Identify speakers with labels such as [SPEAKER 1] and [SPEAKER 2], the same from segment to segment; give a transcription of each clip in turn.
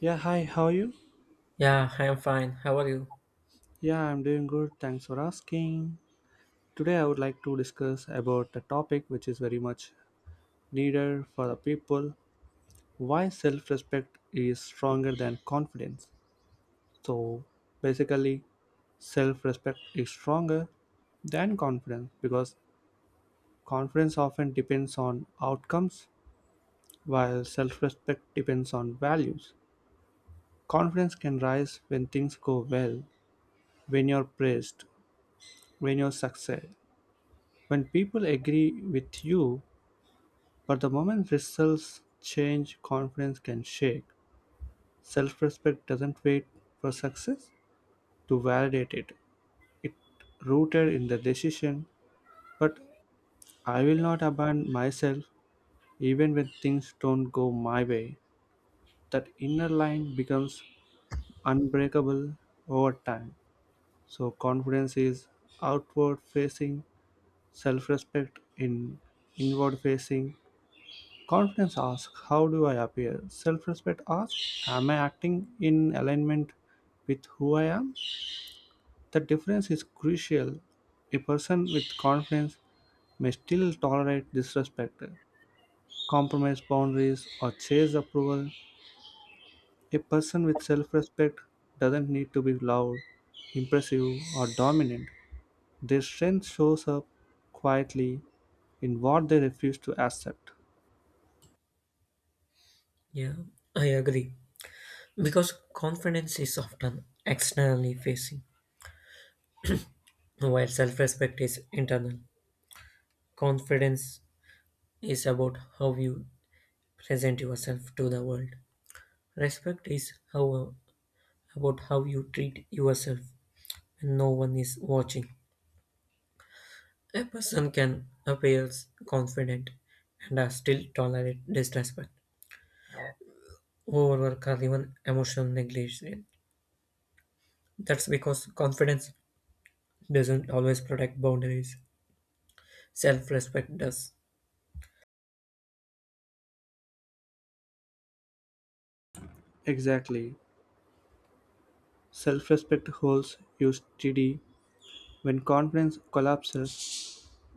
[SPEAKER 1] Yeah, hi, how are you?
[SPEAKER 2] Yeah, I'm fine. How are you?
[SPEAKER 1] Yeah, I'm doing good. Thanks for asking. Today I would like to discuss about a topic which is very much needed for the people, why self-respect is stronger than confidence. So basically, self-respect is stronger than confidence because confidence often depends on outcomes while self-respect depends on values. Confidence can rise when things go well, when you're praised, when you succeed, when people agree with you, but the moment results change, confidence can shake. Self respect doesn't wait for success to validate it. It rooted in the decision, but I will not abandon myself even when things don't go my way. That inner line becomes unbreakable over time. So confidence is outward facing, self respect in inward facing. Confidence asks, how do I appear? Self respect asks, am I acting in alignment with who I am? The difference is crucial. A person with confidence may still tolerate disrespect, compromise boundaries, or chase approval. A person with self respect doesn't need to be loud, impressive, or dominant. Their strength shows up quietly in what they refuse to accept.
[SPEAKER 2] Yeah, I agree. Because confidence is often externally facing, while self respect is internal. Confidence is about how you present yourself to the world. Respect is how about how you treat yourself when no one is watching. A person can appear confident and are still tolerate disrespect, overwork, or even emotional negligence. That's because confidence doesn't always protect boundaries. Self respect does.
[SPEAKER 1] Exactly. Self respect holds you steady. When confidence collapses,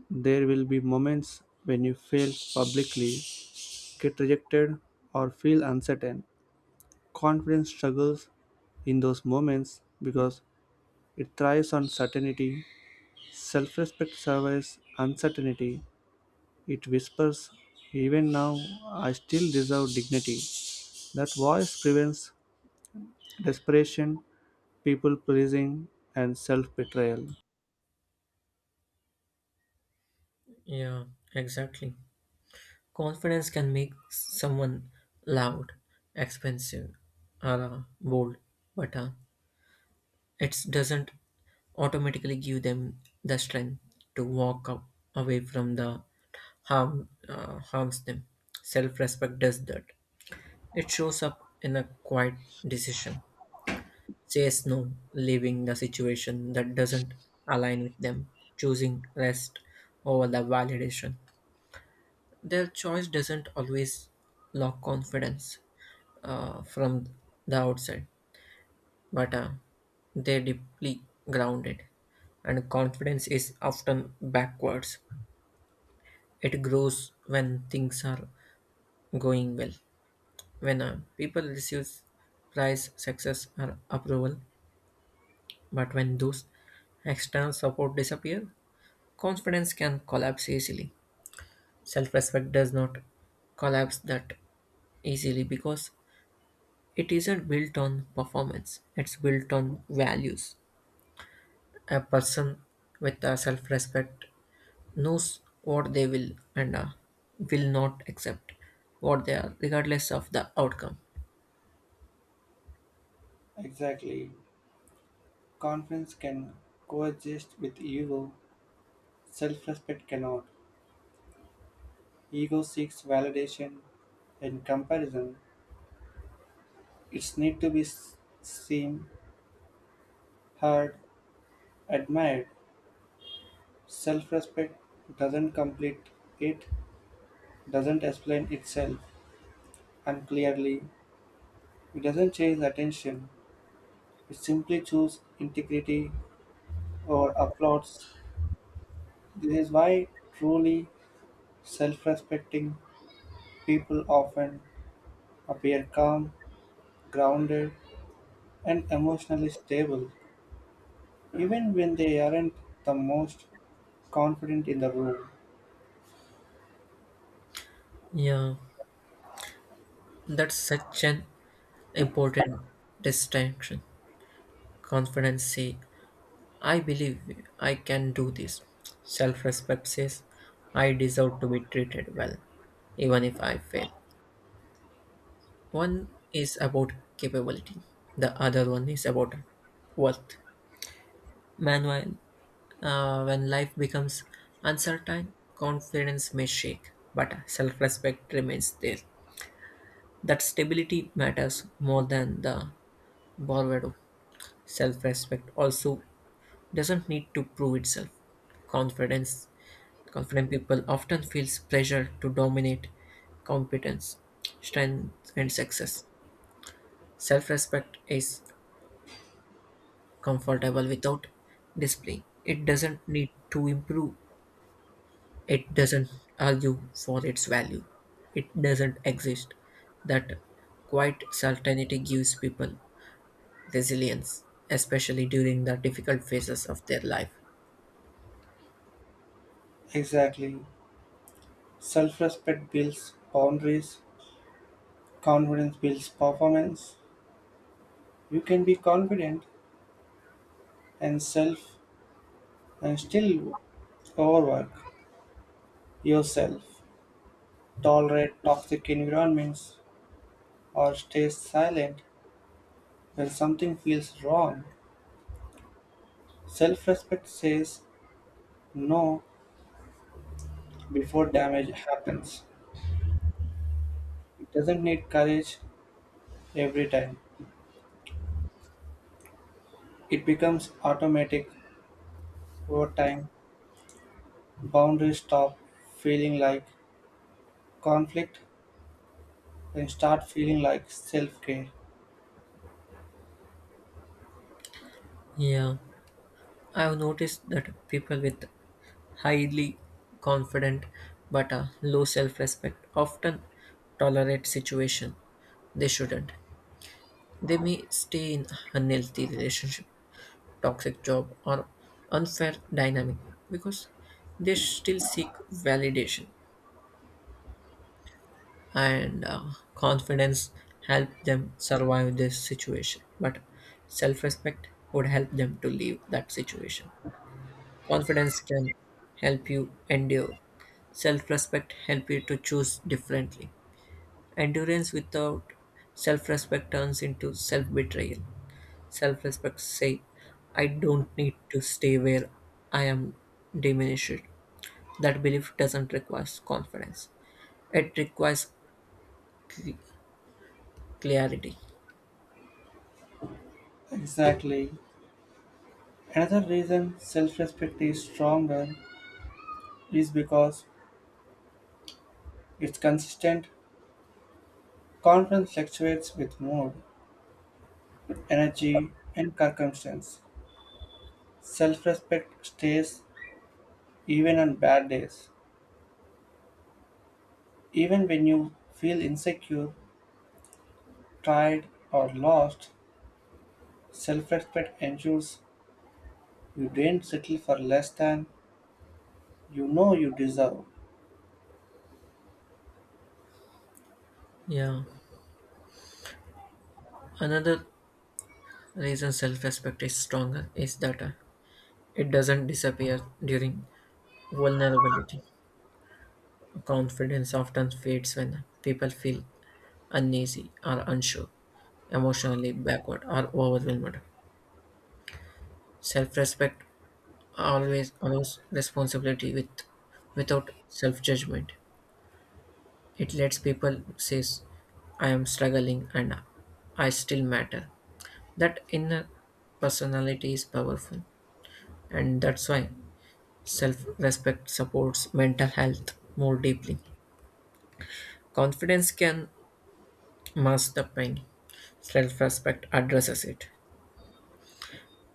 [SPEAKER 1] there will be moments when you fail publicly, get rejected, or feel uncertain. Confidence struggles in those moments because it thrives on certainty. Self respect survives uncertainty. It whispers, even now, I still deserve dignity. That voice prevents desperation, people pleasing, and self betrayal.
[SPEAKER 2] Yeah, exactly. Confidence can make someone loud, expensive, or bold, but it doesn't automatically give them the strength to walk up, away from the harm harms them. Self respect does that. It shows up in a quiet decision, says no, leaving the situation that doesn't align with them, choosing rest over the validation. Their choice doesn't always lack confidence from the outside, but they're deeply grounded. And confidence is often backwards. It grows when things are going well, when people receive prize, success, or approval. But when those external support disappear, confidence can collapse easily. Self respect does not collapse that easily because it isn't built on performance, it's built on values. A person with self respect knows what they will and will not accept what they are, regardless of the outcome.
[SPEAKER 1] Exactly. Confidence can coexist with ego. Self respect cannot. Ego seeks validation and comparison. It's need to be seen, heard, admired. Self respect doesn't complete it, doesn't explain itself unclearly. It doesn't chase attention. It simply chooses integrity or applauds. This is why truly self respecting people often appear calm, grounded, and emotionally stable, even when they aren't the most confident in the room.
[SPEAKER 2] Yeah, that's such an important distinction. Confidence say I believe I can do this. Self respect says I deserve to be treated well, even if I fail. One is about capability, the other one is about worth. Meanwhile, when life becomes uncertain, confidence may shake, but self respect remains there. That stability matters more than the borrowed. Self respect also doesn't need to prove itself confidence. Confident people often feels pressure to dominate competence, strength, and success. Self respect is comfortable without display. It doesn't need to improve, it doesn't argue for its value, it doesn't exist. That quiet certainty gives people resilience, especially during the difficult phases of their life.
[SPEAKER 1] Exactly. Self respect builds boundaries, confidence builds performance. You can be confident and self and still overwork yourself, tolerate toxic environments, or stay silent when something feels wrong. Self respect says no before damage happens. It doesn't need courage every time. It becomes automatic. Over time, boundaries stop feeling like conflict and start feeling like self care.
[SPEAKER 2] Yeah. I've noticed that people with highly confident but low self-respect often tolerate situation they shouldn't. They may stay in unhealthy relationship, toxic job, or unfair dynamic because they still seek validation and confidence help them survive this situation. But self-respect would help them to leave that situation. Confidence can help you endure. Self respect helps you to choose differently. Endurance without self respect turns into self betrayal. Self respect say, I don't need to stay where I am diminished. That belief doesn't require confidence, it requires cl- clarity.
[SPEAKER 1] Exactly. Another reason self respect is stronger is because it's consistent. Confidence fluctuates with mood, energy, and circumstance. Self respect stays even on bad days. Even when you feel insecure, tired, or lost, self respect ensures you don't settle for less than you know you deserve.
[SPEAKER 2] Yeah. Another reason self respect is stronger is that it doesn't disappear during vulnerability. Confidence often fades when people feel uneasy or unsure, emotionally backward or overwhelmed. Self-respect always allows responsibility with without self-judgment. It lets people say, I am struggling and I still matter. That inner personality is powerful and that's why self-respect supports mental health more deeply. Confidence can mask the pain. Self-respect addresses it.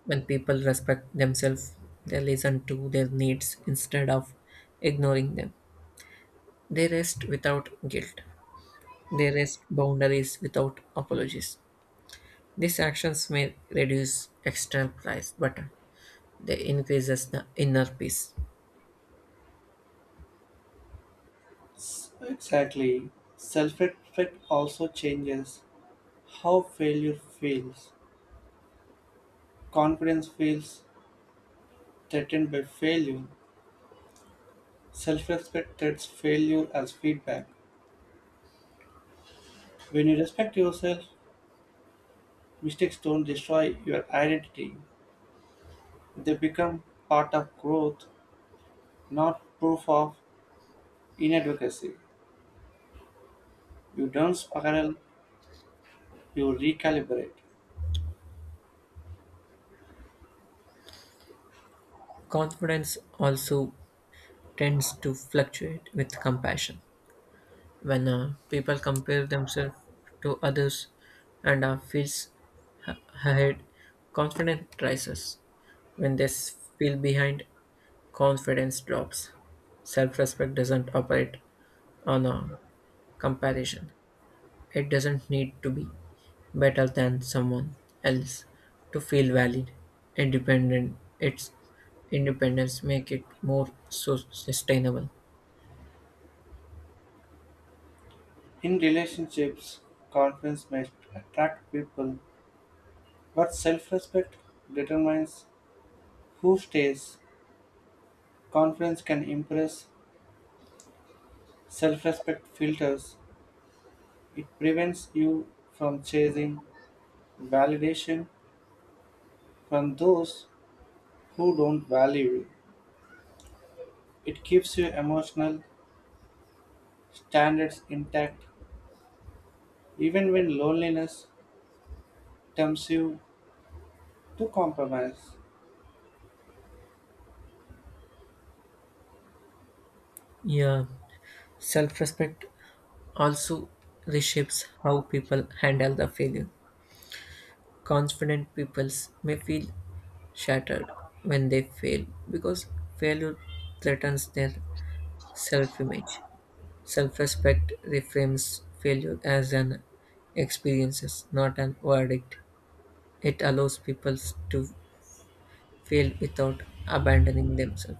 [SPEAKER 2] When people respect themselves, they listen to their needs instead of ignoring them. They rest without guilt. They rest boundaries without apologies. These actions may reduce external price, but they increases the inner peace.
[SPEAKER 1] Exactly. Self respect also changes how failure feels. Confidence feels threatened by failure. Self respect treats failure as feedback. When you respect yourself, mistakes don't destroy your identity, they become part of growth, not proof of inadequacy. You don't spiral, you recalibrate.
[SPEAKER 2] Confidence also tends to fluctuate with compassion. When people compare themselves to others and feels ha- ahead, confidence rises when they feel behind, confidence drops. Self-respect doesn't operate on a comparison. It doesn't need to be better than someone else to feel valid. Independent, its independence make it more so sustainable.
[SPEAKER 1] In relationships, confidence may attract people, but self respect determines who stays. Confidence can impress, self respect filters. It prevents you from chasing validation from those who don't value you. It keeps your emotional standards intact even when loneliness tempts you to compromise.
[SPEAKER 2] Yeah, self-respect also reshapes how people handle the failure. Confident people may feel shattered when they fail because failure threatens their self image. Self respect reframes failure as an experience, not an verdict. It allows people to fail without abandoning themselves.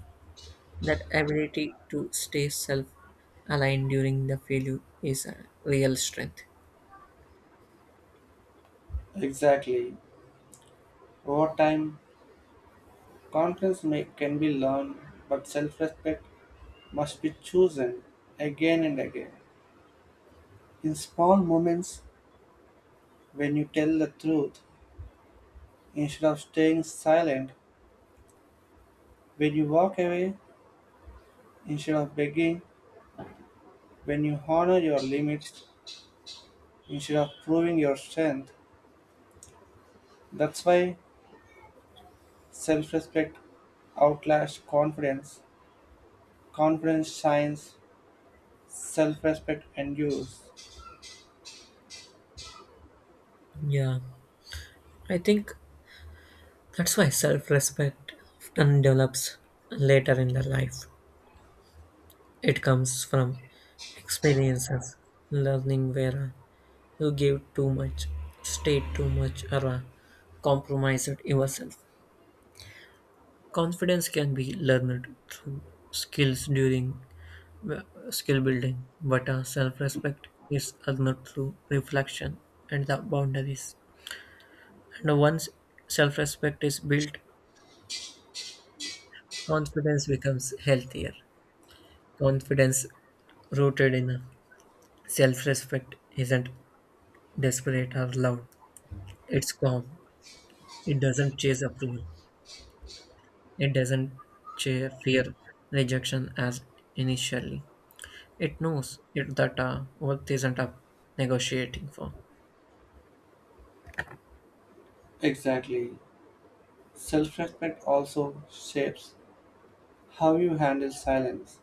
[SPEAKER 2] That ability to stay self aligned during the failure is a real strength.
[SPEAKER 1] Exactly. Over time, confidence may, can be learned, but self respect must be chosen again and again. In small moments, when you tell the truth, instead of staying silent, when you walk away, instead of begging, when you honor your limits, instead of proving your strength. That's why self respect outlasts confidence. Confidence shines, self respect endures.
[SPEAKER 2] Yeah, I think that's why self respect often develops later in the life. It comes from experiences, learning where you give too much, stay too much, or compromise it yourself. Confidence can be learned through skills during uh, skill building, but self respect is earned through reflection and the boundaries. And once self respect is built, confidence becomes healthier. Confidence rooted in self respect, isn't desperate or loud. It's calm. It doesn't chase approval. It doesn't fear rejection as initially. It knows it that worth isn't up negotiating for.
[SPEAKER 1] Exactly. Self respect also shapes how you handle silence.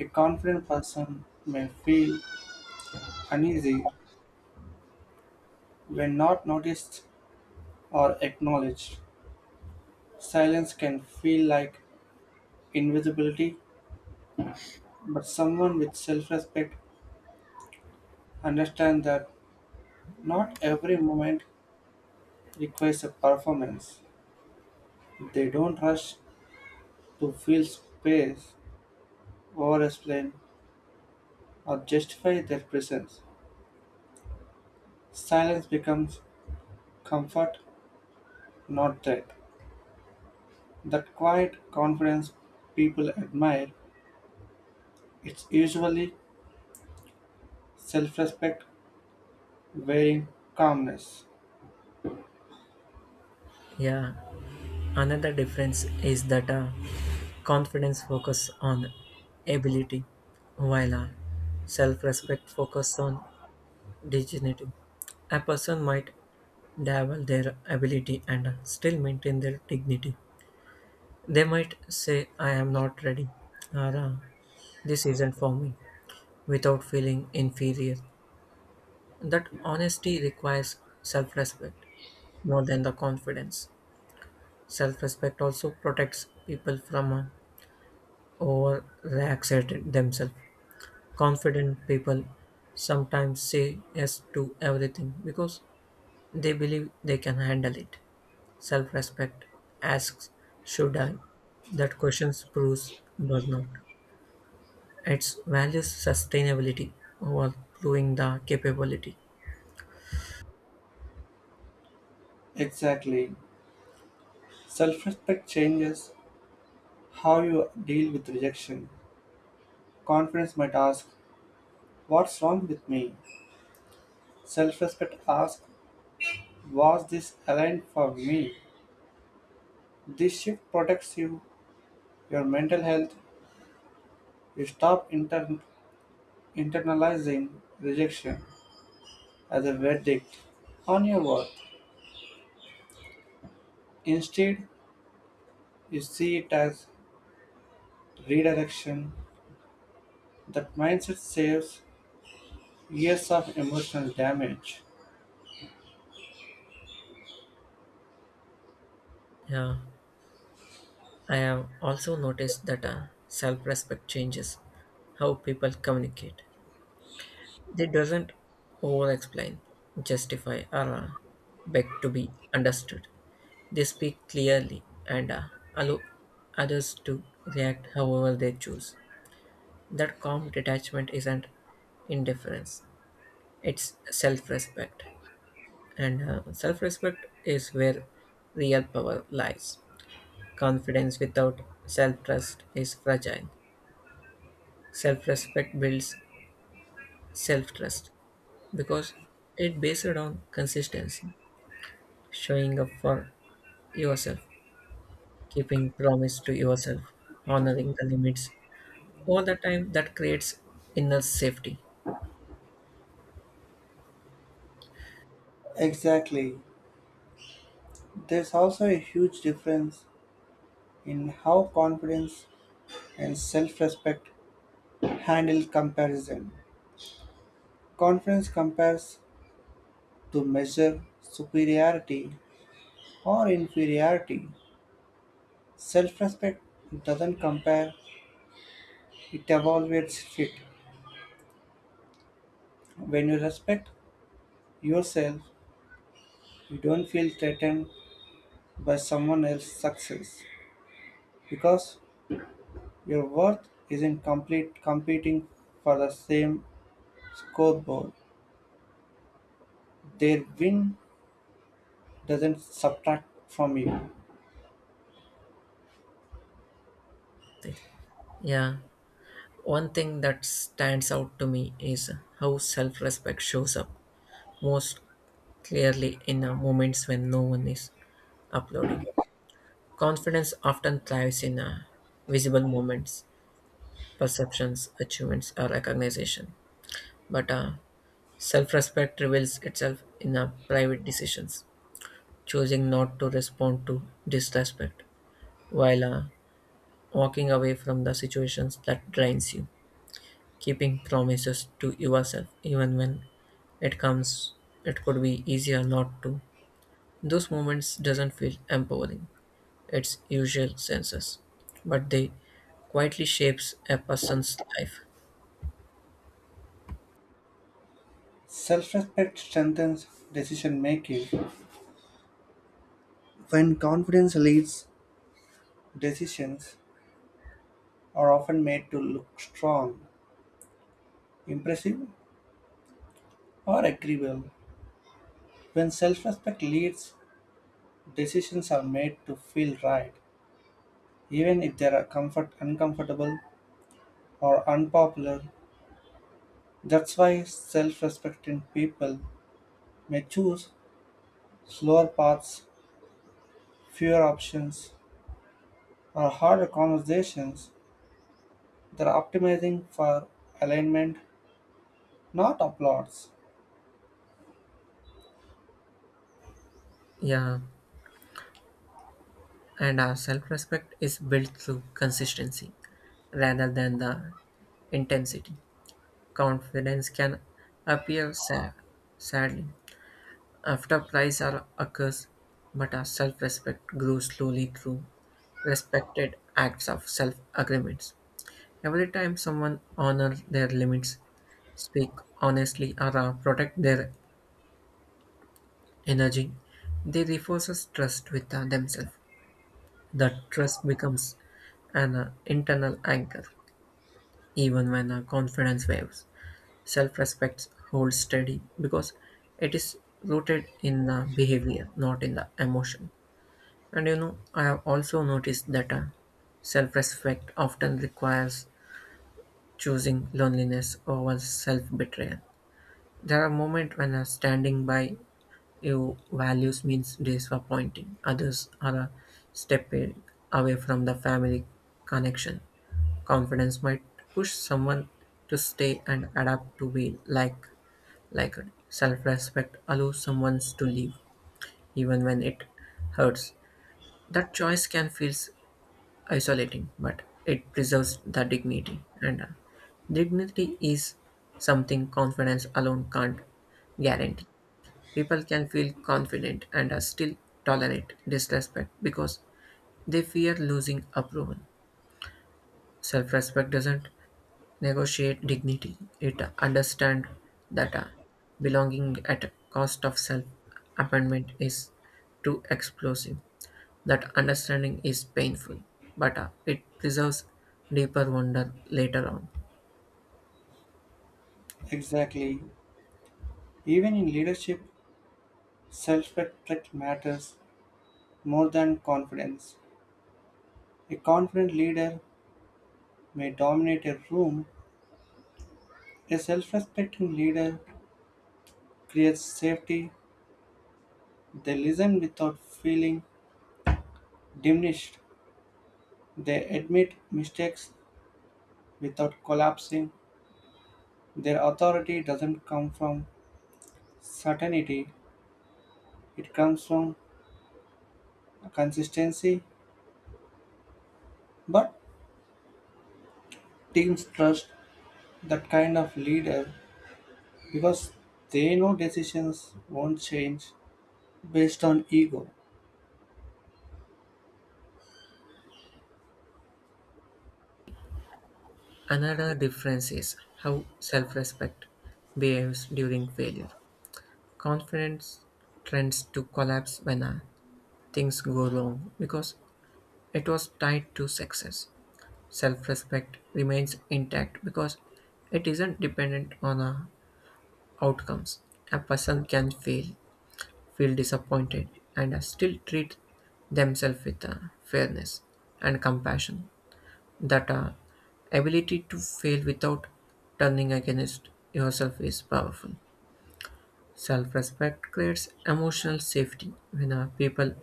[SPEAKER 1] A confident person may feel uneasy when not noticed or acknowledged. Silence can feel like invisibility, but someone with self respect understands that not every moment requires a performance. They don't rush to fill space, over explain, or justify their presence. Silence becomes comfort, not threat. That quiet confidence people admire, it's usually self respect wearing calmness.
[SPEAKER 2] Yeah, another difference is that confidence focus on ability, while self-respect focus on dignity. A person might double their ability and still maintain their dignity. They might say, I am not ready, or "Ah, this isn't for me," without feeling inferior. That honesty requires self respect more than the confidence. Self respect also protects people from overreacting themselves. Confident people sometimes say yes to everything because they believe they can handle it. Self respect asks, should I? That question proves does not. It values sustainability over proving the capability.
[SPEAKER 1] Exactly. Self respect changes how you deal with rejection. Confidence might ask, what's wrong with me? Self respect asks, was this aligned for me? This shift protects you, your mental health. You stop internalizing rejection as a verdict on your worth. Instead, you see it as redirection. That mindset saves years of emotional damage.
[SPEAKER 2] Yeah, I have also noticed that self respect changes how people communicate. They doesn't over explain, justify, or beg to be understood. They speak clearly and allow others to react however they choose. That calm detachment isn't indifference, it's self respect. And self respect is where real power lies. Confidence without self trust is fragile. Self respect builds self trust because it based on consistency, showing up for yourself, keeping promise to yourself, honoring the limits. All the time that creates inner safety.
[SPEAKER 1] Exactly. There's also a huge difference in how confidence and self respect handle comparison. Confidence compares to measure superiority or inferiority. Self respect doesn't compare, it evaluates it. When you respect yourself, you don't feel threatened by someone else's success because your worth isn't complete competing for the same scoreboard. Their win doesn't subtract from you.
[SPEAKER 2] Yeah. One thing that stands out to me is how self respect shows up most clearly in moments when no one is uploading. Confidence often thrives in visible moments, perceptions, achievements, or recognition. But self respect reveals itself in private decisions, choosing not to respond to disrespect while walking away from the situations that drains you, keeping promises to yourself even when it comes it could be easier not to. Those moments doesn't feel empowering its usual senses, but they quietly shapes a person's life.
[SPEAKER 1] Self respect strengthens decision making. When confidence leads, decisions are often made to look strong, impressive, or agreeable. When self respect leads, decisions are made to feel right, even if they are comfort, uncomfortable or unpopular. That's why self respecting people may choose slower paths, fewer options, or harder conversations. They're optimizing for alignment, not applause.
[SPEAKER 2] Yeah, and our self-respect is built through consistency rather than the intensity. Confidence can appear sad, sadly after price are occurs, but our self-respect grows slowly through respected acts of self-agreements. Every time someone honors their limits, speak honestly, or protect their energy, they reinforces trust with themselves. That trust becomes an internal anchor, even when confidence waves. Self-respect holds steady because it is rooted in the behavior, not in the emotion. And you know, I have also noticed that self-respect often requires choosing loneliness over self-betrayal. There are moments when a standing by your values means disappointing others or a step away from the family connection. Confidence might push someone to stay and adapt to be like it. Self-respect allows someone to leave, even when it hurts. That choice can feel isolating, but it preserves the dignity. And dignity is something confidence alone can't guarantee. People can feel confident and are still tolerate disrespect because they fear losing approval. Self respect doesn't negotiate dignity, it understands that belonging at cost of self abandonment is too explosive. That understanding is painful, but it preserves deeper wonder later on.
[SPEAKER 1] Exactly. Even in leadership, self-respect matters more than confidence. A confident leader may dominate a room. A self-respecting leader creates safety. They listen without feeling diminished. They admit mistakes without collapsing. Their authority doesn't come from certainty. It comes from consistency. But teams trust that kind of leader because they know decisions won't change based on ego.
[SPEAKER 2] Another difference is how self respect behaves during failure. Confidence tends to collapse when things go wrong because it was tied to success. Self respect remains intact because it isn't dependent on outcomes. A person can fail, feel disappointed, and still treat themselves with fairness and compassion. That ability to fail without turning against yourself is powerful. Self respect creates emotional safety when people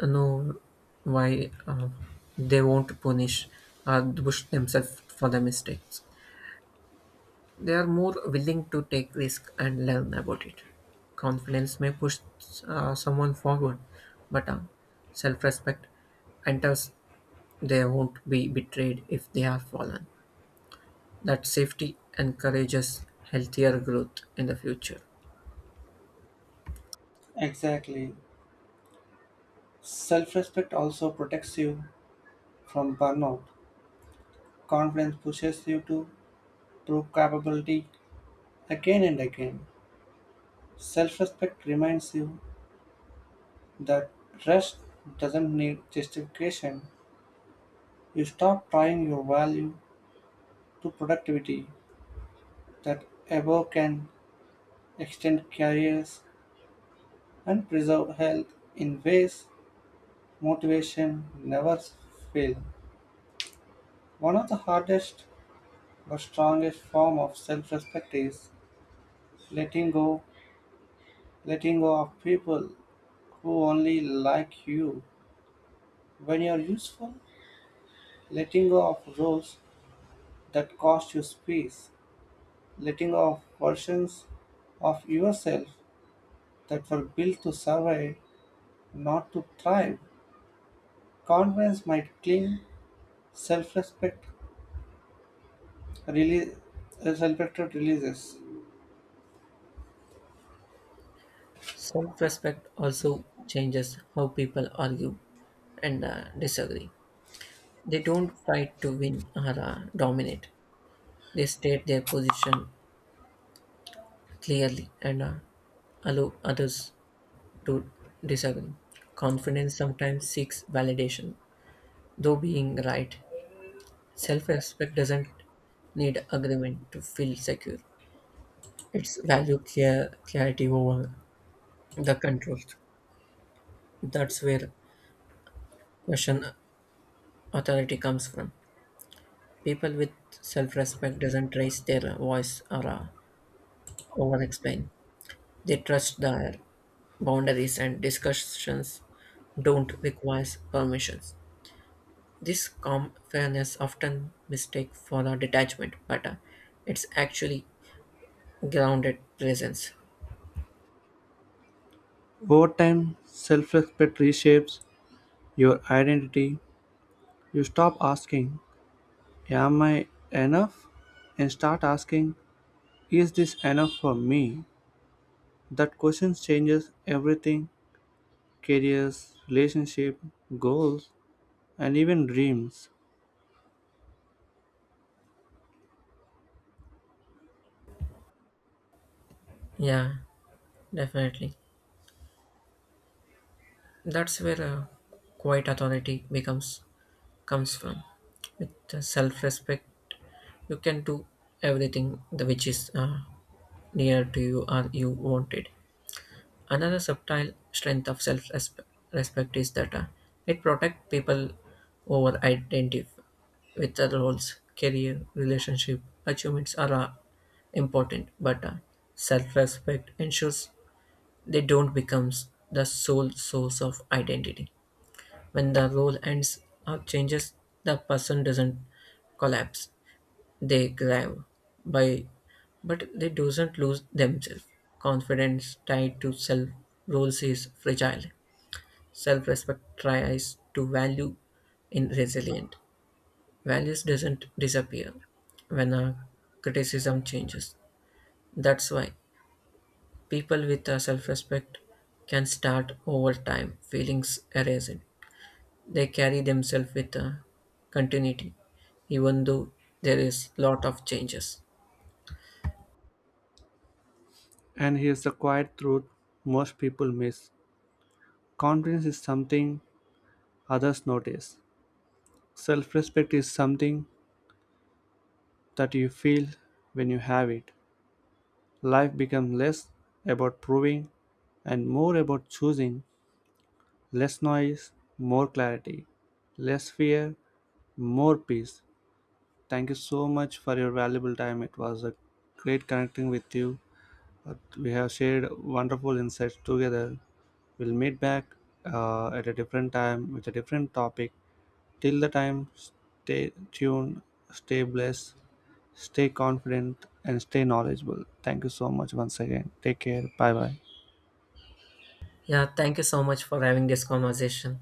[SPEAKER 2] know why they won't punish Bush themselves for the mistakes. They are more willing to take risk and learn about it. Confidence may push someone forward, but self-respect enters. They won't be betrayed if they are fallen. That safety encourages healthier growth in the future.
[SPEAKER 1] Exactly. Self respect also protects you from burnout. Confidence pushes you to prove capability again and again. Self respect reminds you that rest doesn't need justification. You stop tying your value to productivity, that above can extend careers and preserve health in ways motivation never fail. One of the hardest but strongest form of self-respect is letting go, letting go of people who only like you when you're useful, letting go of roles that cost you space, letting go of versions of yourself that were built to survive, not to thrive. Confidence might cling, self-respect release, self-respect releases.
[SPEAKER 2] Self-respect also changes how people argue and disagree. They don't fight to win or dominate. They state their position clearly and allow others to disagree. Confidence sometimes seeks validation, though being right. Self respect doesn't need agreement to feel secure. It's value clarity over the control. That's where question authority comes from. People with self-respect doesn't raise their voice or over-explain. They trust their boundaries and discussions don't require permissions. This calm fairness often mistake for a detachment, but it's actually grounded presence.
[SPEAKER 1] Over time, self-respect reshapes your identity. You stop asking am I enough and start asking is this enough for me? That question changes everything, careers, relationship, goals, and even dreams.
[SPEAKER 2] Yeah, definitely. That's where quiet authority becomes comes from. With self-respect, you can do everything the which is near to you or you wanted. Another subtle strength of self respect is that it protects people over identity with their roles, career, relationship, achievements are important, but self respect ensures they don't become the sole source of identity. When the role ends or changes, the person doesn't collapse. They climb by but they doesn't lose themselves. Confidence tied to self roles is fragile. Self-respect tries to value in resilient. Values doesn't disappear when a criticism changes. That's why people with a self-respect can start over time feelings erasing. They carry themselves with a continuity, even though there is lot of changes.
[SPEAKER 1] And here's the quiet truth most people miss, confidence is something others notice, self respect is something that you feel when you have it. Life becomes less about proving and more about choosing, less noise, more clarity, less fear, more peace. Thank you so much for your valuable time. It was a great connecting with you. We have shared wonderful insights together. We'll meet back at a different time with a different topic. Till the time, stay tuned, stay blessed, stay confident, and stay knowledgeable. Thank you so much once again. Take care. Bye bye.
[SPEAKER 2] Yeah, thank you so much for having this conversation.